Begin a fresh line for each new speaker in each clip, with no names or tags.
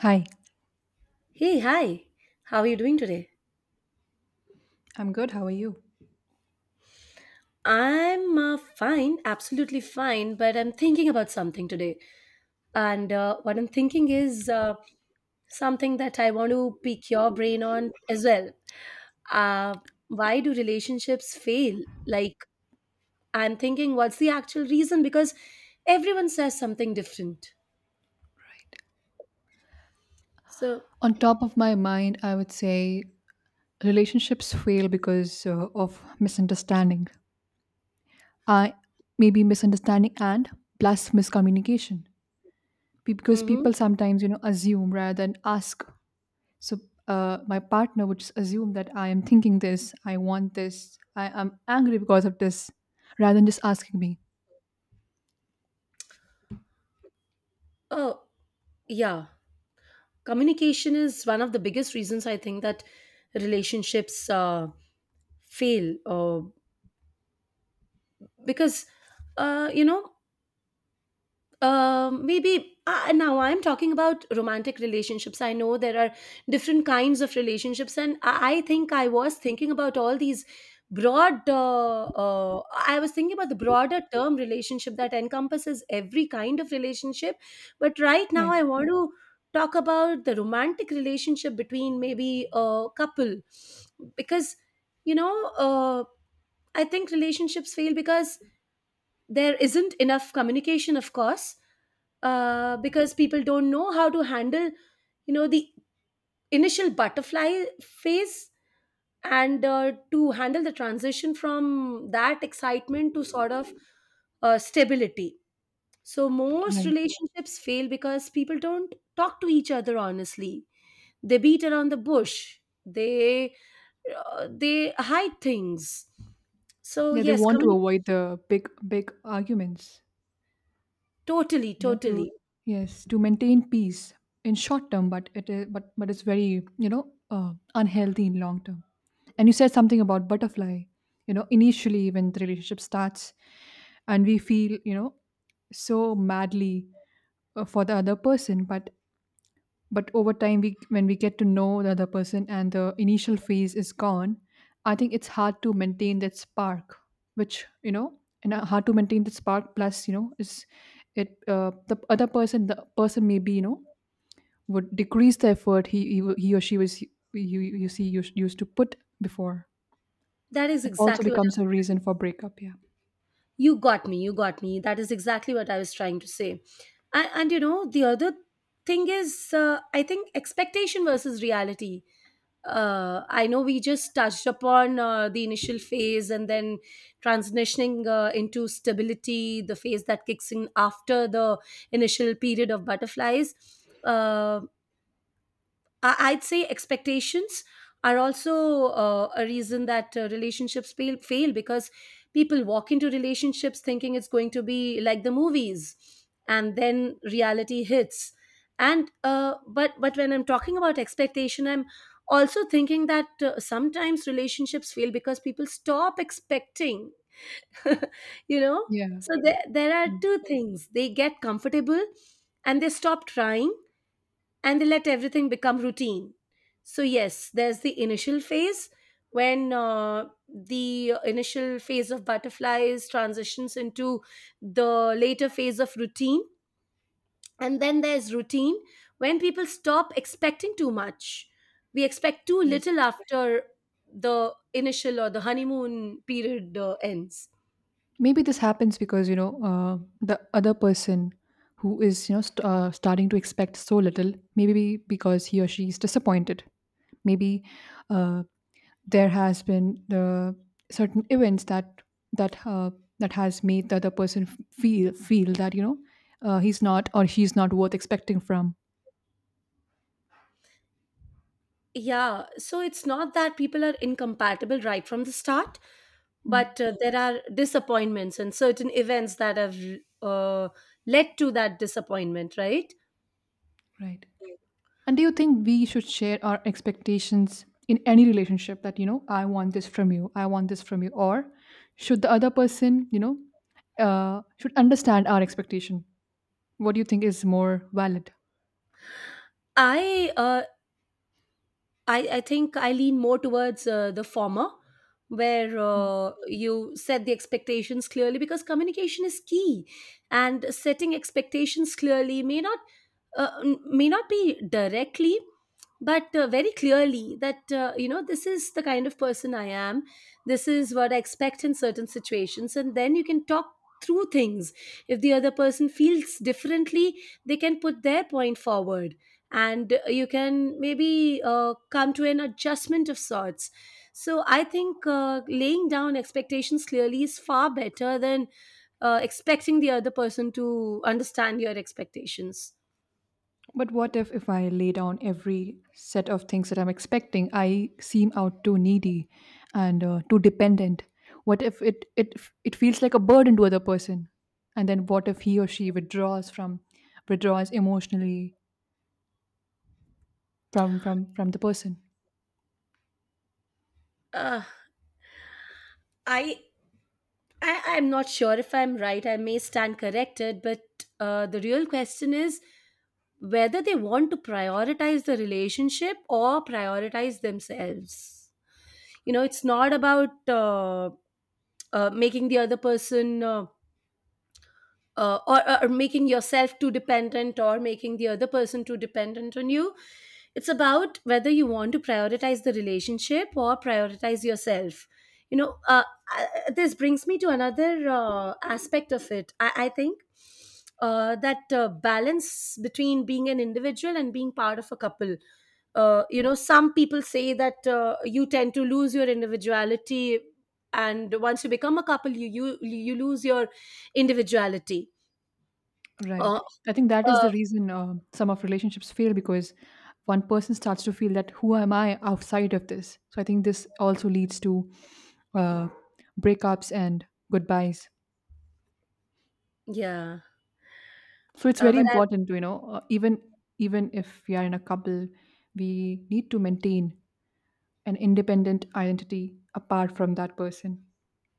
Hi.
Hey, hi. How are you doing today?
I'm good. How are you?
I'm fine, absolutely fine, but I'm thinking about something today. And what I'm thinking is something that I want to pick your brain on as well. Uh, why do relationships fail? Like, I'm thinking, what's the actual reason? Because everyone says something different. So,
On top of my mind, I would say relationships fail because of misunderstanding. I maybe misunderstanding and plus miscommunication. Because
mm-hmm.
people sometimes assume rather than ask. So my partner would just assume that I am thinking this, I want this, I am angry because of this, rather than just asking me.
Oh, yeah. Communication is one of the biggest reasons I think that relationships fail. Because you know maybe Now I'm talking about romantic relationships, I know there are different kinds of relationships and I think I was thinking about all these broad I was thinking about the broader term relationship that encompasses every kind of relationship, but right now I
Right.
want to talk about the romantic relationship between maybe a couple, because you know uh, I think relationships fail because there isn't enough communication, of course, because people don't know how to handle, you know, the initial butterfly phase, and to handle the transition from that excitement to sort of stability. So most
Right.
relationships fail because people don't talk to each other honestly, they beat around the bush, they they hide things. So
Yeah, they
yes,
want to
communicate.
avoid the big big arguments.
Totally,
You know, to
totally.
yes to maintain peace in short term, but it is, but it's very unhealthy in long term. And you said something about butterfly, you know, initially when the relationship starts and we feel, you know, so madly for the other person. But over time we, when we get to know the other person and the initial phase is gone, I think it's hard to maintain that spark, which, you know, and hard to maintain the spark plus, you know, is it, the other person, the person maybe, you know, would decrease the effort he or she was you see used to put before.
That is
It also
exactly what
becomes a
I was.
reason for breakup, yeah.
You got me, you got me. That is exactly what I was trying to say. And you know, the other thing is, I think expectation versus reality. I know we just touched upon the initial phase and then transitioning into stability, the phase that kicks in after the initial period of butterflies. Uh, I'd say expectations are also a reason that relationships fail because people walk into relationships thinking it's going to be like the movies, and then reality hits. And but when I'm talking about expectation, I'm also thinking that sometimes relationships fail because people stop expecting, you know.
Yeah.
So there are
Mm,
two things: they get comfortable, and they stop trying and they let everything become routine. So, yes, there's the initial phase when the initial phase of butterflies transitions into the later phase of routine. And then there's routine when people stop expecting too much. We expect too
right.
little after the initial or the honeymoon period ends.
Maybe this happens because, you know, the other person who is, you know, starting to expect so little, maybe because he or she is disappointed. Maybe uh, there has been the certain events that uh, that has made the other person feel, feel that, you know, he's not or she's not worth expecting from.
Yeah, so it's not that people are incompatible right from the start,
Hmm,
but there are disappointments and certain events that have uh, led to that disappointment, right?
right. And do you think we should share our expectations in any relationship that, you know, I want this from you, I want this from you? Or should the other person, you know, should understand our expectation? What do you think is more valid?
i uh, I think I lean more towards the former, where you set the expectations clearly because communication is key, and setting expectations clearly may not may not be directly, but very clearly that you know, this is the kind of person I am. This is what I expect in certain situations, and then you can talk through things. If the other person feels differently, they can put their point forward and you can maybe come to an adjustment of sorts. So I think laying down expectations clearly is far better than expecting the other person to understand your expectations.
But what if I lay down every set of things that I'm expecting, I seem out too needy and too dependent? What if it it feels like a burden to other person? And then what if he or she withdraws from withdraws emotionally from from the person?
Uh, I I'm not sure if I'm right. I may stand corrected, but the real question is whether they want to prioritize the relationship or prioritize themselves. You know, it's not about making the other person or making yourself too dependent or making the other person too dependent on you. It's about whether you want to prioritize the relationship or prioritize yourself. You know, this brings me to another aspect of it. I think that balance between being an individual and being part of a couple. You know, some people say that you tend to lose your individuality, and once you become a couple, you lose your individuality.
Right.
uh,
I think that is
uh,
the reason some of relationships fail because one person starts to feel that who am I outside of this? So I think this also leads to uh, breakups and goodbyes.
yeah.
So it's very
But
important to, you know, even even if we are in a couple, we need to maintain an independent identity apart from that person.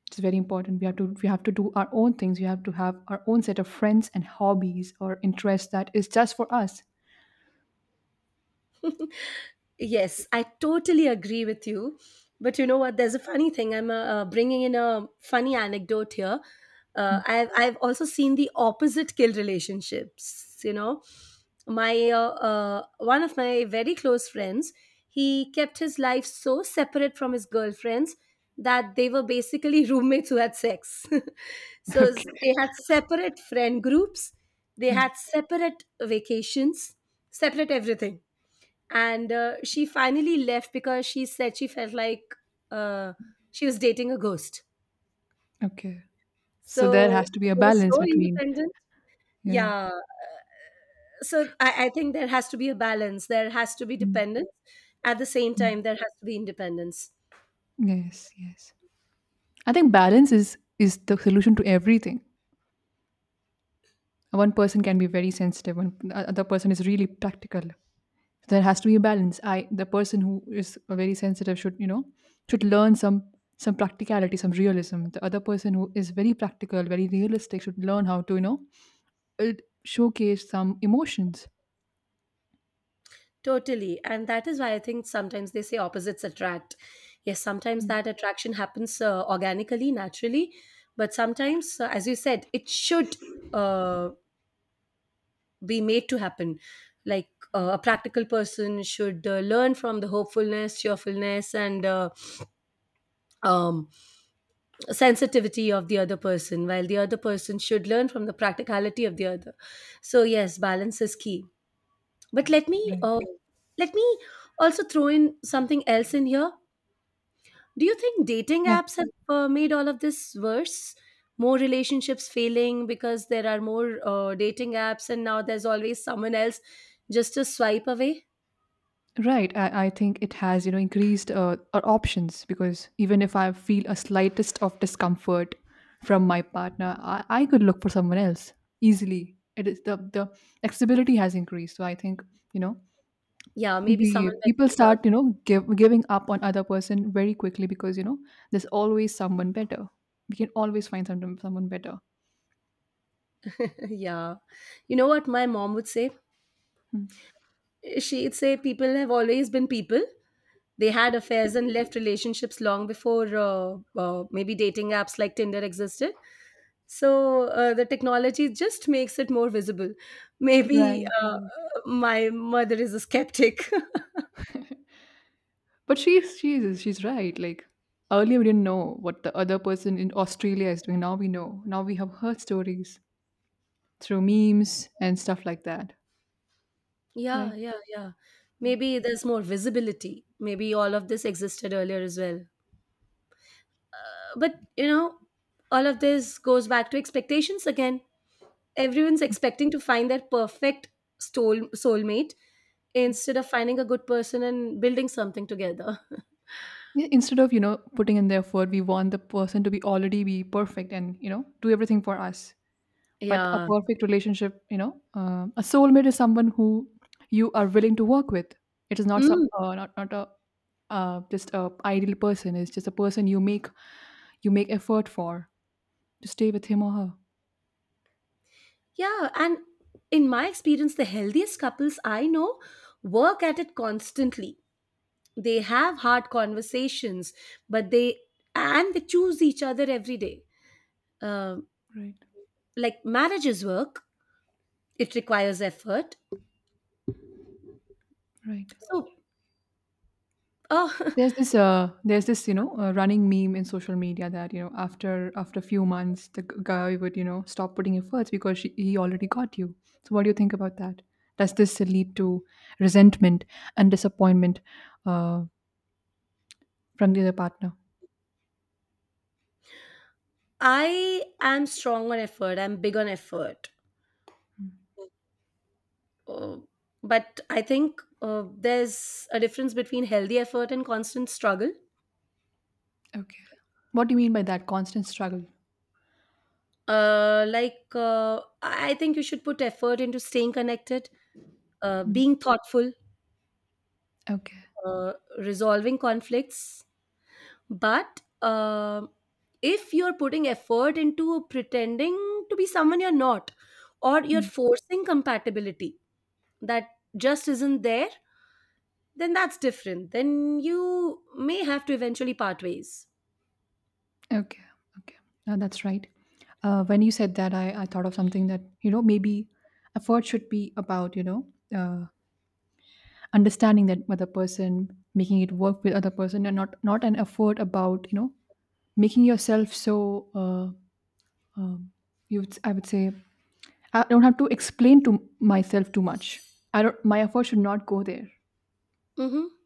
It's very important. We have to do our own things. We have to have our own set of friends and hobbies or interests that is just for us.
Yes, I totally agree with you. But you know what? There's a funny thing. I'm bringing in a funny anecdote here. I've also seen the opposite kill relationships. You know, my one of my very close friends, he kept his life so separate from his girlfriends that they were basically roommates who had sex.
Okay.
They had separate friend groups. They had separate vacations, separate everything, and she finally left because she said she felt like uh, she was dating a ghost.
Okay. So there
So
has to be a
they were
balance
so
between
independent.
yeah.
Yeah, so I think there has to be a balance, there has to be
Mm.
dependence at the same time, there has to be independence.
Yes, yes. I think balance is the solution to everything. One person can be very sensitive, one the other person is really practical. There has to be a balance. I the person who is very sensitive should, you know, should learn some practicality, some realism. The other person who is very practical, very realistic should learn how to, you know, uh, showcase some emotions.
Totally, and that is why I think sometimes they say opposites attract. Yes, sometimes
Mm.
that attraction happens organically, naturally, but sometimes as you said it should uh, be made to happen. Like a practical person should learn from the hopefulness, cheerfulness, and um, sensitivity of the other person, while the other person should learn from the practicality of the other. So yes, balance is key. But
Right.
let me also throw in something else in here. Do you think dating
Yeah.
apps have made all of this worse? More relationships failing because there are more dating apps, and now there's always someone else just a swipe away.
Right. I think it has, you know, increased our options because even if I feel a slightest of discomfort from my partner, I could look for someone else easily. It is the accessibility has increased. So I think, you know,
Yeah, maybe
the
someone better
people
is out
start, you
there.
know, giving up on other person very quickly because, you know, there's always someone better. We can always find someone better.
Yeah. You know what my mom would say?
Hmm.
She'd say people have always been people. They had affairs and left relationships long before maybe dating apps like Tinder existed. So the technology just makes it more visible. Maybe
Right. Right.
my mother is a skeptic.
But she's she's right. Like earlier, we didn't know what the other person in Australia is doing. Now we know. Now we have heard stories through memes and stuff like that,
Yeah,
right?
yeah, yeah. Maybe there's more visibility. Maybe all of this existed earlier as well. But, you know, all of this goes back to expectations again. Everyone's expecting to find their perfect soulmate instead of finding a good person and building something together.
Yeah, instead of, you know, putting in the effort, we want the person to be already be perfect and, you know, do everything for us. But a
Yeah.
perfect relationship, you know, um, a soulmate is someone who you are willing to work with. It is not some,
Mm,
not not a just a ideal person. It's just a person you make effort for to stay with him or her.
yeah. And in my experience, the healthiest couples I know work at it constantly. They have hard conversations, but they choose each other every day. Um,
Right.
like marriage is work, it requires effort.
Right.
So, uh,
There's this, you know, running meme in social media that, you know, after a few months the guy would, you know, stop putting efforts because he already got you. So what do you think about that? Does this lead to resentment and disappointment uh, from the other partner?
I am strong on effort. I'm big on effort. Uh, but I think there's a difference between healthy effort and constant struggle.
Okay. What do you mean by that constant struggle?
Like, I think you should put effort into staying connected,
Mm,
being thoughtful,
okay.
uh, resolving conflicts. But if you're putting effort into pretending to be someone you're not, or you're
Mm,
forcing compatibility that just isn't there, then that's different. Then you may have to eventually part ways.
okay. Okay. No, that's right. When you said that, I thought of something that, you know, maybe effort should be about, you know, uh, understanding that other person, making it work with other person and not an effort about, you know, making yourself so uh, um you would, I would say I don't have to explain to myself too much. I don't My effort should not go there.
Hmm.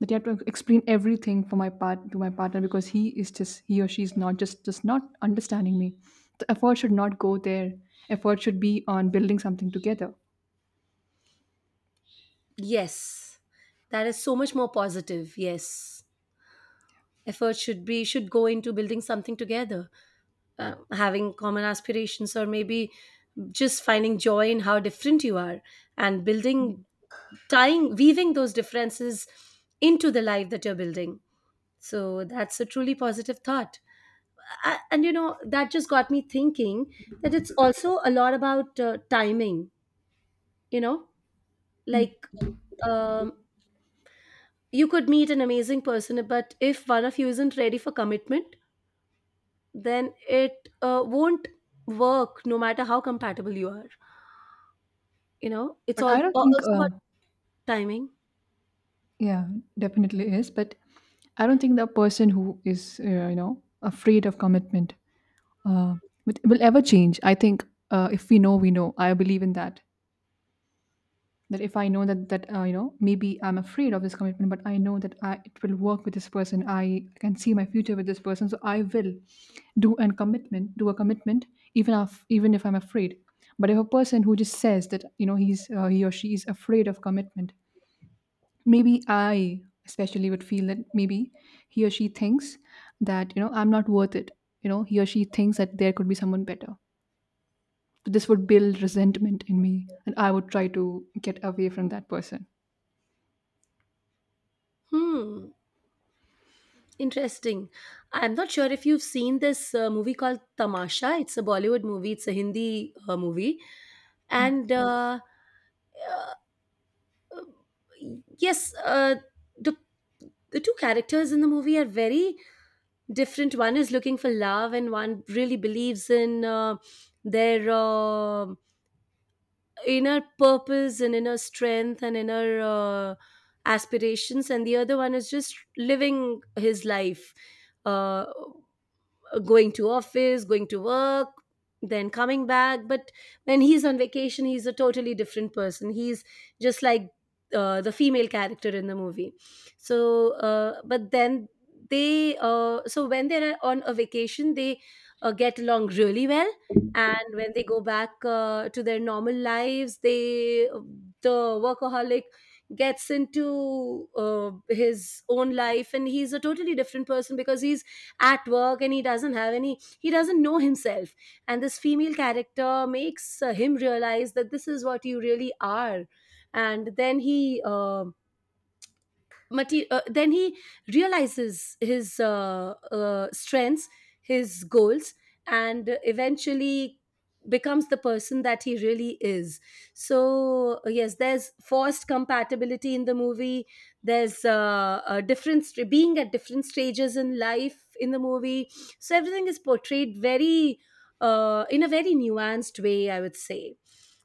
That you have to explain everything for my part to my partner because he or she is not just just not understanding me. The effort should not go there. Effort should be on building something together.
Yes, that is so much more positive. Yes, effort should be should go into building something together, having common aspirations, or maybe just finding joy in how different you are, and building, tying, weaving those differences into the life that you're building. So that's a truly positive thought. And you know, that just got me thinking that it's also a lot about timing, you know, like, um, you could meet an amazing person, but if one of you isn't ready for commitment, then it won't work no matter how compatible you are. You know, it's
But
all
I don't think
also about timing.
yeah, definitely is. But I don't think the person who is, you know, afraid of commitment uh, will ever change. I think if we know, we know. I believe in that. That if I know that that you know, maybe I'm afraid of this commitment, but I know that I it will work with this person. I can see my future with this person, so I will do an commitment, do a commitment, even if I'm afraid. But if a person who just says that, you know, he or she is afraid of commitment, maybe I especially would feel that maybe he or she thinks that, you know, I'm not worth it. You know, he or she thinks that there could be someone better. So this would build resentment in me, and I would try to get away from that person.
Hmm, interesting. I'm not sure if you've seen this movie called Tamasha. It's a Bollywood movie, it's a Hindi movie,
Hmm.
and uh, yes, the the two characters in the movie are very different. One is looking for love and one really believes in their inner purpose and inner strength and inner aspirations, and the other one is just living his life, uh, going to office, going to work, then coming back. But when he's on vacation, he's a totally different person, he's just like the female character in the movie. So but then they so when they're on a vacation they get along really well, and when they go back to their normal lives, they, the workaholic, gets into his own life and he's a totally different person because he's at work and he doesn't know himself. And this female character makes him realize that this is what you really are, and then then he realizes his strengths, his goals, and eventually becomes the person that he really is. So yes, there's forced compatibility in the movie, there's being at different stages in life in the movie. So everything is portrayed very in a very nuanced way, I would say.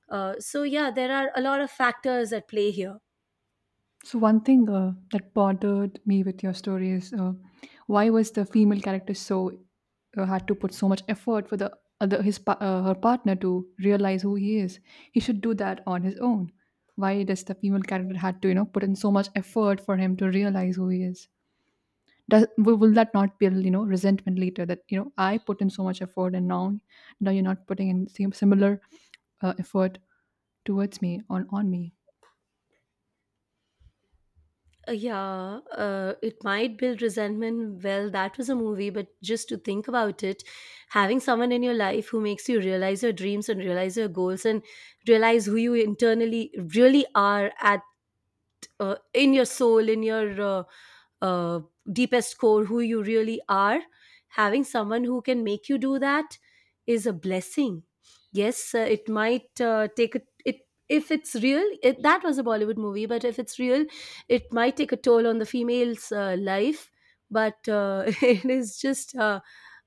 So yeah, there are a lot of factors at play here.
So one thing that bothered me with your story is, why was the female character so, had to put so much effort for the other her partner to realize who he is. He should do that on his own. Why does the female character had to, you know, put in so much effort for him to realize who he is? Does will that not build, you know, resentment later that, you know, I put in so much effort and now you're not putting in same similar effort towards me on me.
Yeah, it might build resentment. Well, that was a movie, but just to think about it, having someone in your life who makes you realize your dreams and realize your goals and realize who you internally really are at in your soul in your uh, deepest core who you really are, having someone who can make you do that is a blessing. Yes, it might take a, it, if it's real that was a bollywood movie, but if it's real it might take a toll on the female's life. But it is just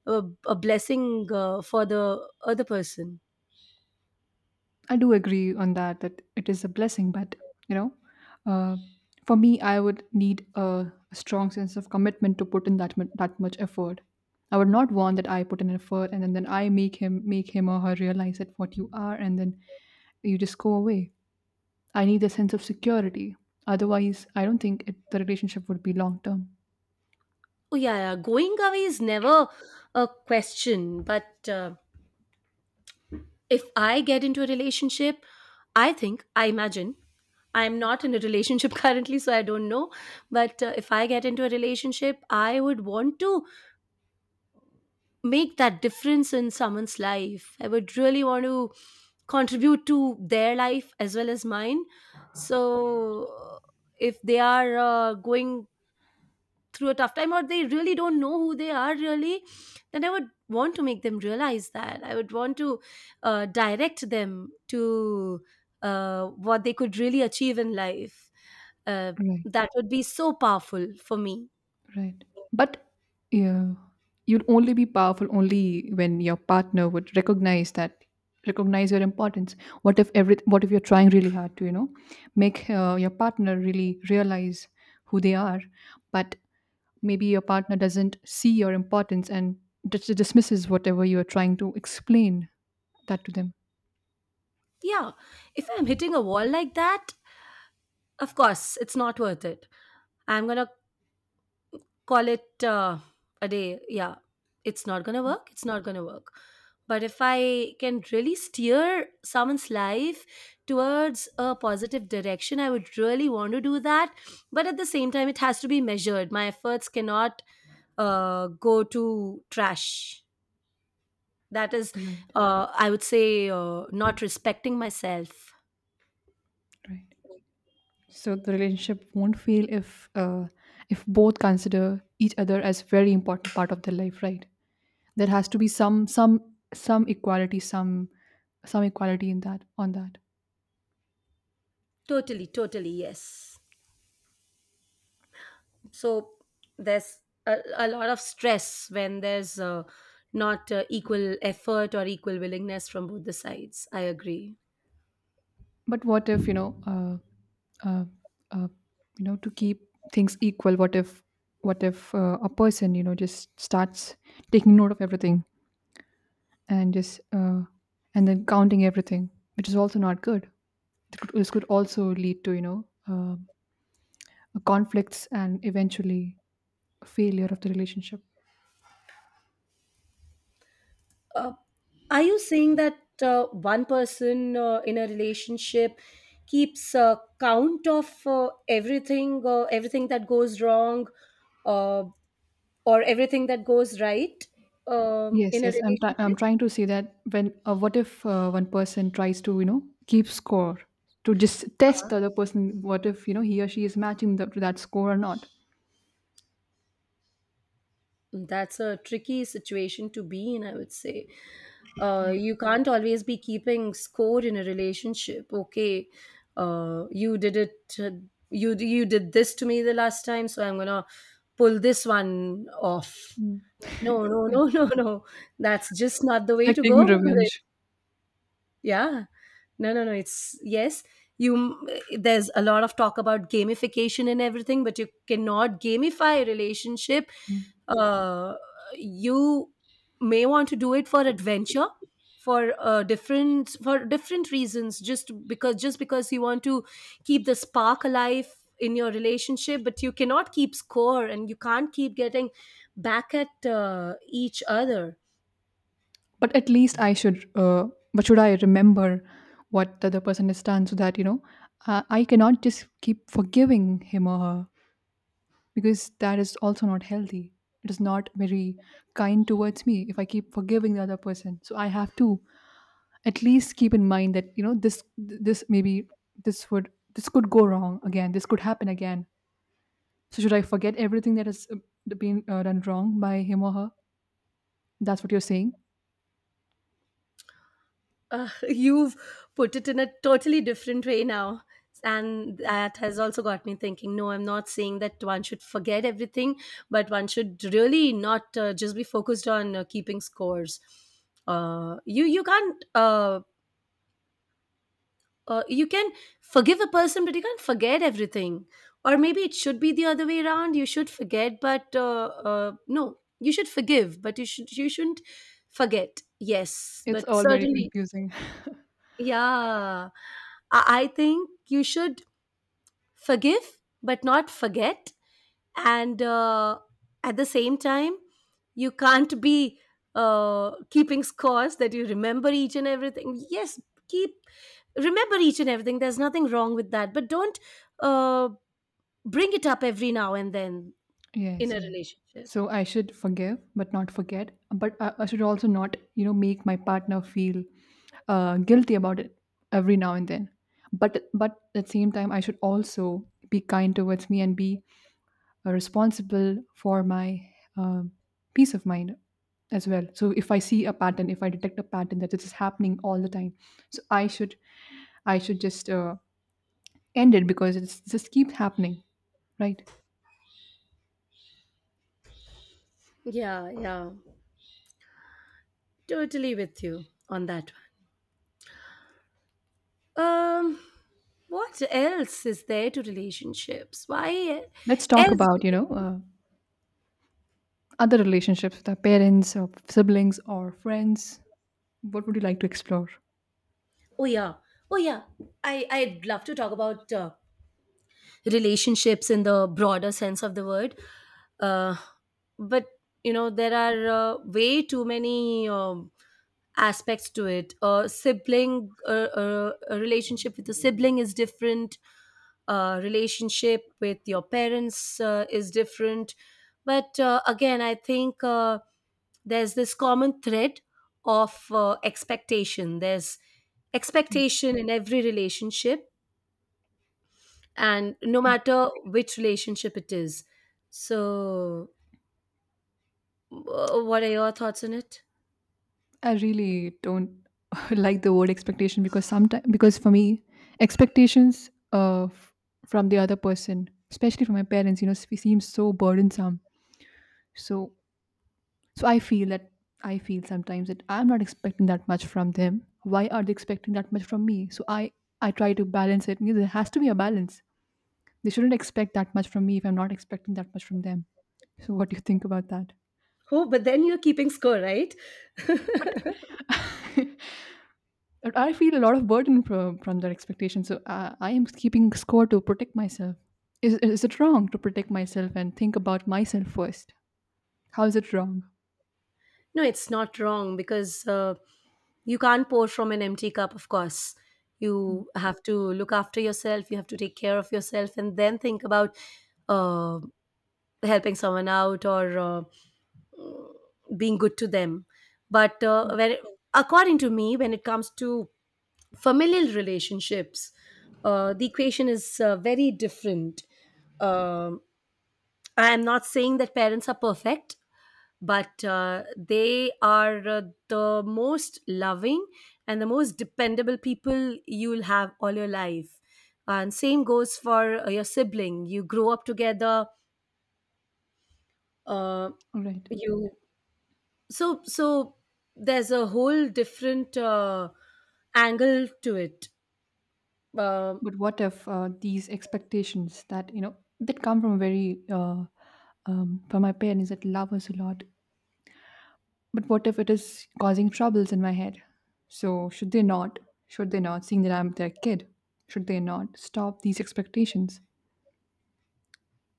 a blessing for the other person.
I do agree on that, that it is a blessing, but, you know, uh, for me, I would need a strong sense of commitment to put in that that much effort. I would not want that I put in effort and then I make him or her realize that what you are and then you just go away. I need a sense of security. Otherwise, I don't think the relationship would be long term.
Oh yeah, yeah, going away is never a question, but if I get into a relationship, I think, I imagine, I'm not in a relationship currently, so I don't know. But if I get into a relationship, I would want to make that difference in someone's life. I would really want to contribute to their life as well as mine. So if they are going through a tough time or they really don't know who they are really, then I would want to make them realize that. I would want to direct them to what they could really achieve in life. uh,
Right.
that would be so powerful for me.
Right. But yeah, you'll only be powerful only when your partner would recognize that recognize your importance. What if you're trying really hard to, you know, make, your partner really realize who they are, but maybe your partner doesn't see your importance and dismisses whatever you are trying to explain that to them.
Yeah, if I'm hitting a wall like that, of course it's not worth it. I'm gonna call it a day. Yeah, it's not gonna work, it's not gonna work. But if I can really steer someone's life towards a positive direction, I would really want to do that. But at the same time, it has to be measured. My efforts cannot go to trash. That is
Right.
I would say not respecting myself.
Right. So the relationship won't fail if both consider each other as very important part of their life, right? There has to be some some equality, some equality in that on that.
Totally, totally, yes. So there's a lot of stress when there's not equal effort or equal willingness from both the sides. I agree.
But what if, you know, uh, uh, you know, to keep things equal? What if a person, you know, just starts taking note of everything and just, and then counting everything, which is also not good. This could also lead to, you know, conflicts and eventually failure of the relationship.
uh, are you saying that one person in a relationship keeps count of everything, everything that goes wrong, uh, or everything that goes right
Yes,
in a
yes. I'm
relationship?
trying to see that when, what if one person tries to, you know, keep score to just test the
Ah,
other person. What if, you know, he or she is matching to that score or not?
that's a tricky situation to be in, I would say. You can't always be keeping score in a relationship. Okay, you did it, uh, you did this to me the last time, so I'm gonna pull this one off.
Mm.
No, no, no, no, no, that's just not the
It's
way
like
to go
taking
about it.
revenge.
Yeah, no, no, no. It's yes. You, there's a lot of talk about gamification and everything, but you cannot gamify a relationship.
Mm.
Uh, you may want to do it for adventure, for different, for different reasons. Just because you want to keep the spark alive in your relationship, but you cannot keep score and you can't keep getting back at each other.
But at least I should. But should I remember what the other person has done so that, you know, I cannot just keep forgiving him or her because that is also not healthy. It is not very kind towards me if I keep forgiving the other person. So I have to at least keep in mind that, you know, this maybe this would this could go wrong again. This could happen again. So should I forget everything that has been done wrong by him or her? That's what you're saying.
You've put it in a totally different way now. And that has also got me thinking. No, I'm not saying that one should forget everything, but one should really not just be focused on keeping scores. You can't. You can forgive a person, but you can't forget everything. Or maybe it should be the other way around. You should forget, but no, you should forgive, but you shouldn't forget. Yes,
It's
but
all very
certainly.
confusing.
Yeah. I think you should forgive but not forget. And at the same time, you can't be keeping scores, that you remember each and everything. Yes, keep, remember each and everything. There's nothing wrong with that, but don't uh, bring it up every now and then in
Yes,
a
yes.
relationship.
So I should forgive, but not forget. But I should also not, you know, make my partner feel guilty about it every now and then. But at the same time, I should also be kind towards me and be responsible for my um peace of mind as well. So if I see a pattern, if I detect a pattern that this is happening all the time, so I should just end it because it just keeps happening, right?
Yeah, yeah, totally with you on that one. Um, what else is there to relationships? Why
Let's talk
else?
about, you know, other relationships with our parents or siblings or friends. What would you like to explore?
Oh yeah, oh yeah. I'd love to talk about relationships in the broader sense of the word. Uh, but you know there are way too many aspects to it. A sibling, a relationship with a sibling is different. A relationship with your parents is different. But again, I think there's this common thread of expectation. There's expectation in every relationship, and no matter which relationship it is. So, what are your thoughts on it?
I really don't like the word expectation because sometimes because for me expectations uh, f- from the other person, especially from my parents, you know, seems so burdensome. So so I feel that I feel sometimes that I'm not expecting that much from them, why are they expecting that much from me? So I try to balance it. You know, there has to be a balance. They shouldn't expect that much from me if I'm not expecting that much from them. So, what do you think about that?
Oh, but then you're keeping score, right?
But
No,
I feel a lot of burden from their expectations. So, I am keeping score to protect myself. Is it wrong to protect myself and think about myself first? How is it wrong?
it's not wrong because you can't pour from an empty cup, of course. You have to look after yourself, you have to take care of yourself, and then think about uh, helping someone out or being good to them. But when according to me when it comes to familial relationships, the equation is very different. um, I am not saying that parents are perfect, but they are the most loving and the most dependable people you'll have all your life. And same goes for your sibling. You grow up together. uh,
All right.
you, so there's a whole different angle to it. um
But what if these expectations that, you know, that come from very, uh, from my parents that love us a lot, but what if it is causing troubles in my head? So, should they not? Should they not, seeing that I'm their kid? Should they not stop these expectations?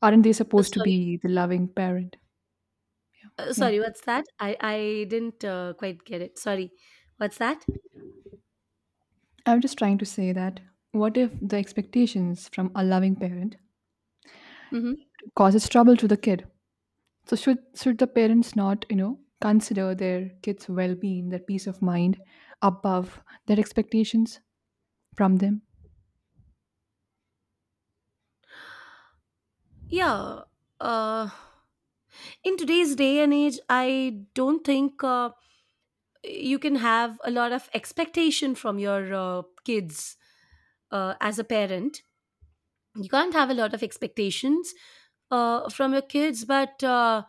Aren't they supposed to
Sorry,
be the loving parent? Yeah.
sorry, what's that? I didn't quite get it. Sorry, what's that?
I'm just trying to say that what if the expectations from a loving parent
Mm-hmm.
causes trouble to the kid? So should the parents not, you know, consider their kids' well-being, their peace of mind above their expectations from them?
Yeah, uh in today's day and age, I don't think you can have a lot of expectation from your kids. As a parent, you can't have a lot of expectations from your kids. But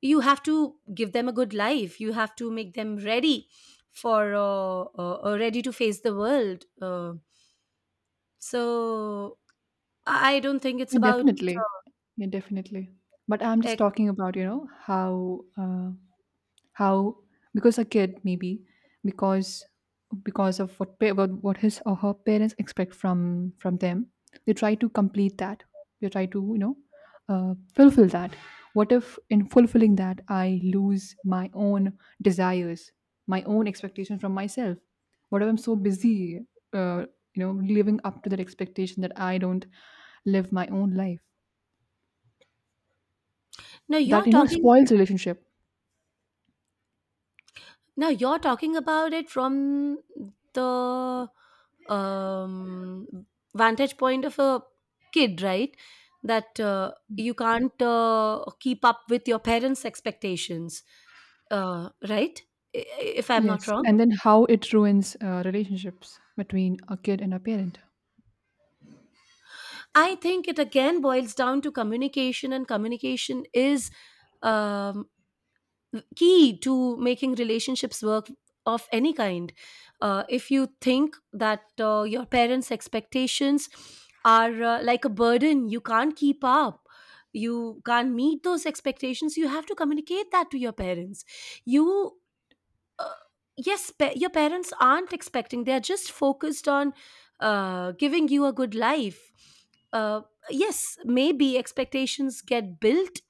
you have to give them a good life. You have to make them ready for ready to face the world. So I don't think it's
Yeah,
about
definitely. Yeah, definitely. But I'm just
ex-
talking about, you know, how, how because a kid maybe because because of what what his or her parents expect from them, they try to complete that. They try to, you know, fulfill that. What if in fulfilling that I lose my own desires, my own expectation from myself? What if I'm so busy, uh, you know, living up to that expectation that I don't live my own life?
no,
That,
you're
you know,
talking,
spoils relationship.
now you're talking about it from the um, vantage point of a kid, right? That you can't keep up with your parents' expectations, right? I- If I'm not
Yes.
wrong,
And then how it ruins relationships between a kid and a parent.
I think it again boils down to communication, and communication is um, key to making relationships work of any kind. If you think that your parents' expectations are like a burden, you can't keep up. You can't meet those expectations. You have to communicate that to your parents. You, uh, yes, your parents aren't expecting. They're just focused on giving you a good life. Uh, yes, maybe expectations get built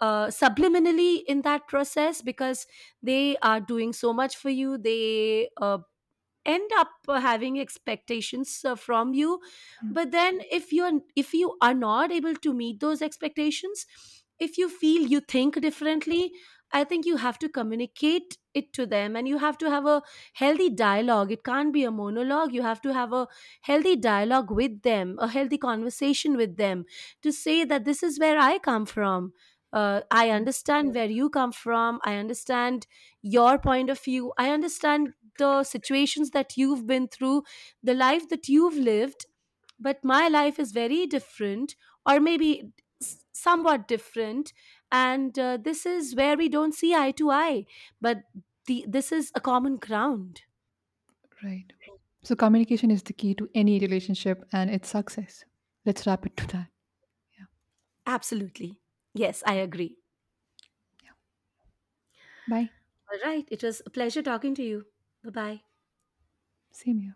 subliminally in that process, because they are doing so much for you, they end up having expectations from you. But then if you are, if you are not able to meet those expectations, if you feel, you think differently, I think you have to communicate it to them, and you have to have a healthy dialogue. It can't be a monologue. You have to have a healthy dialogue with them, a healthy conversation with them, to say that this is where I come from. I
Yeah.
understand where you come from, I understand your point of view, I understand the situations that you've been through, the life that you've lived, but my life is very different, or maybe somewhat different. And this is where we don't see eye to eye, but this is a common ground.
Right, so communication is the key to any relationship and its success. Let's wrap it to that. Yeah.
Absolutely. Yes, I agree.
Bye.
All right. It was a pleasure talking to you. Bye bye.
Same here.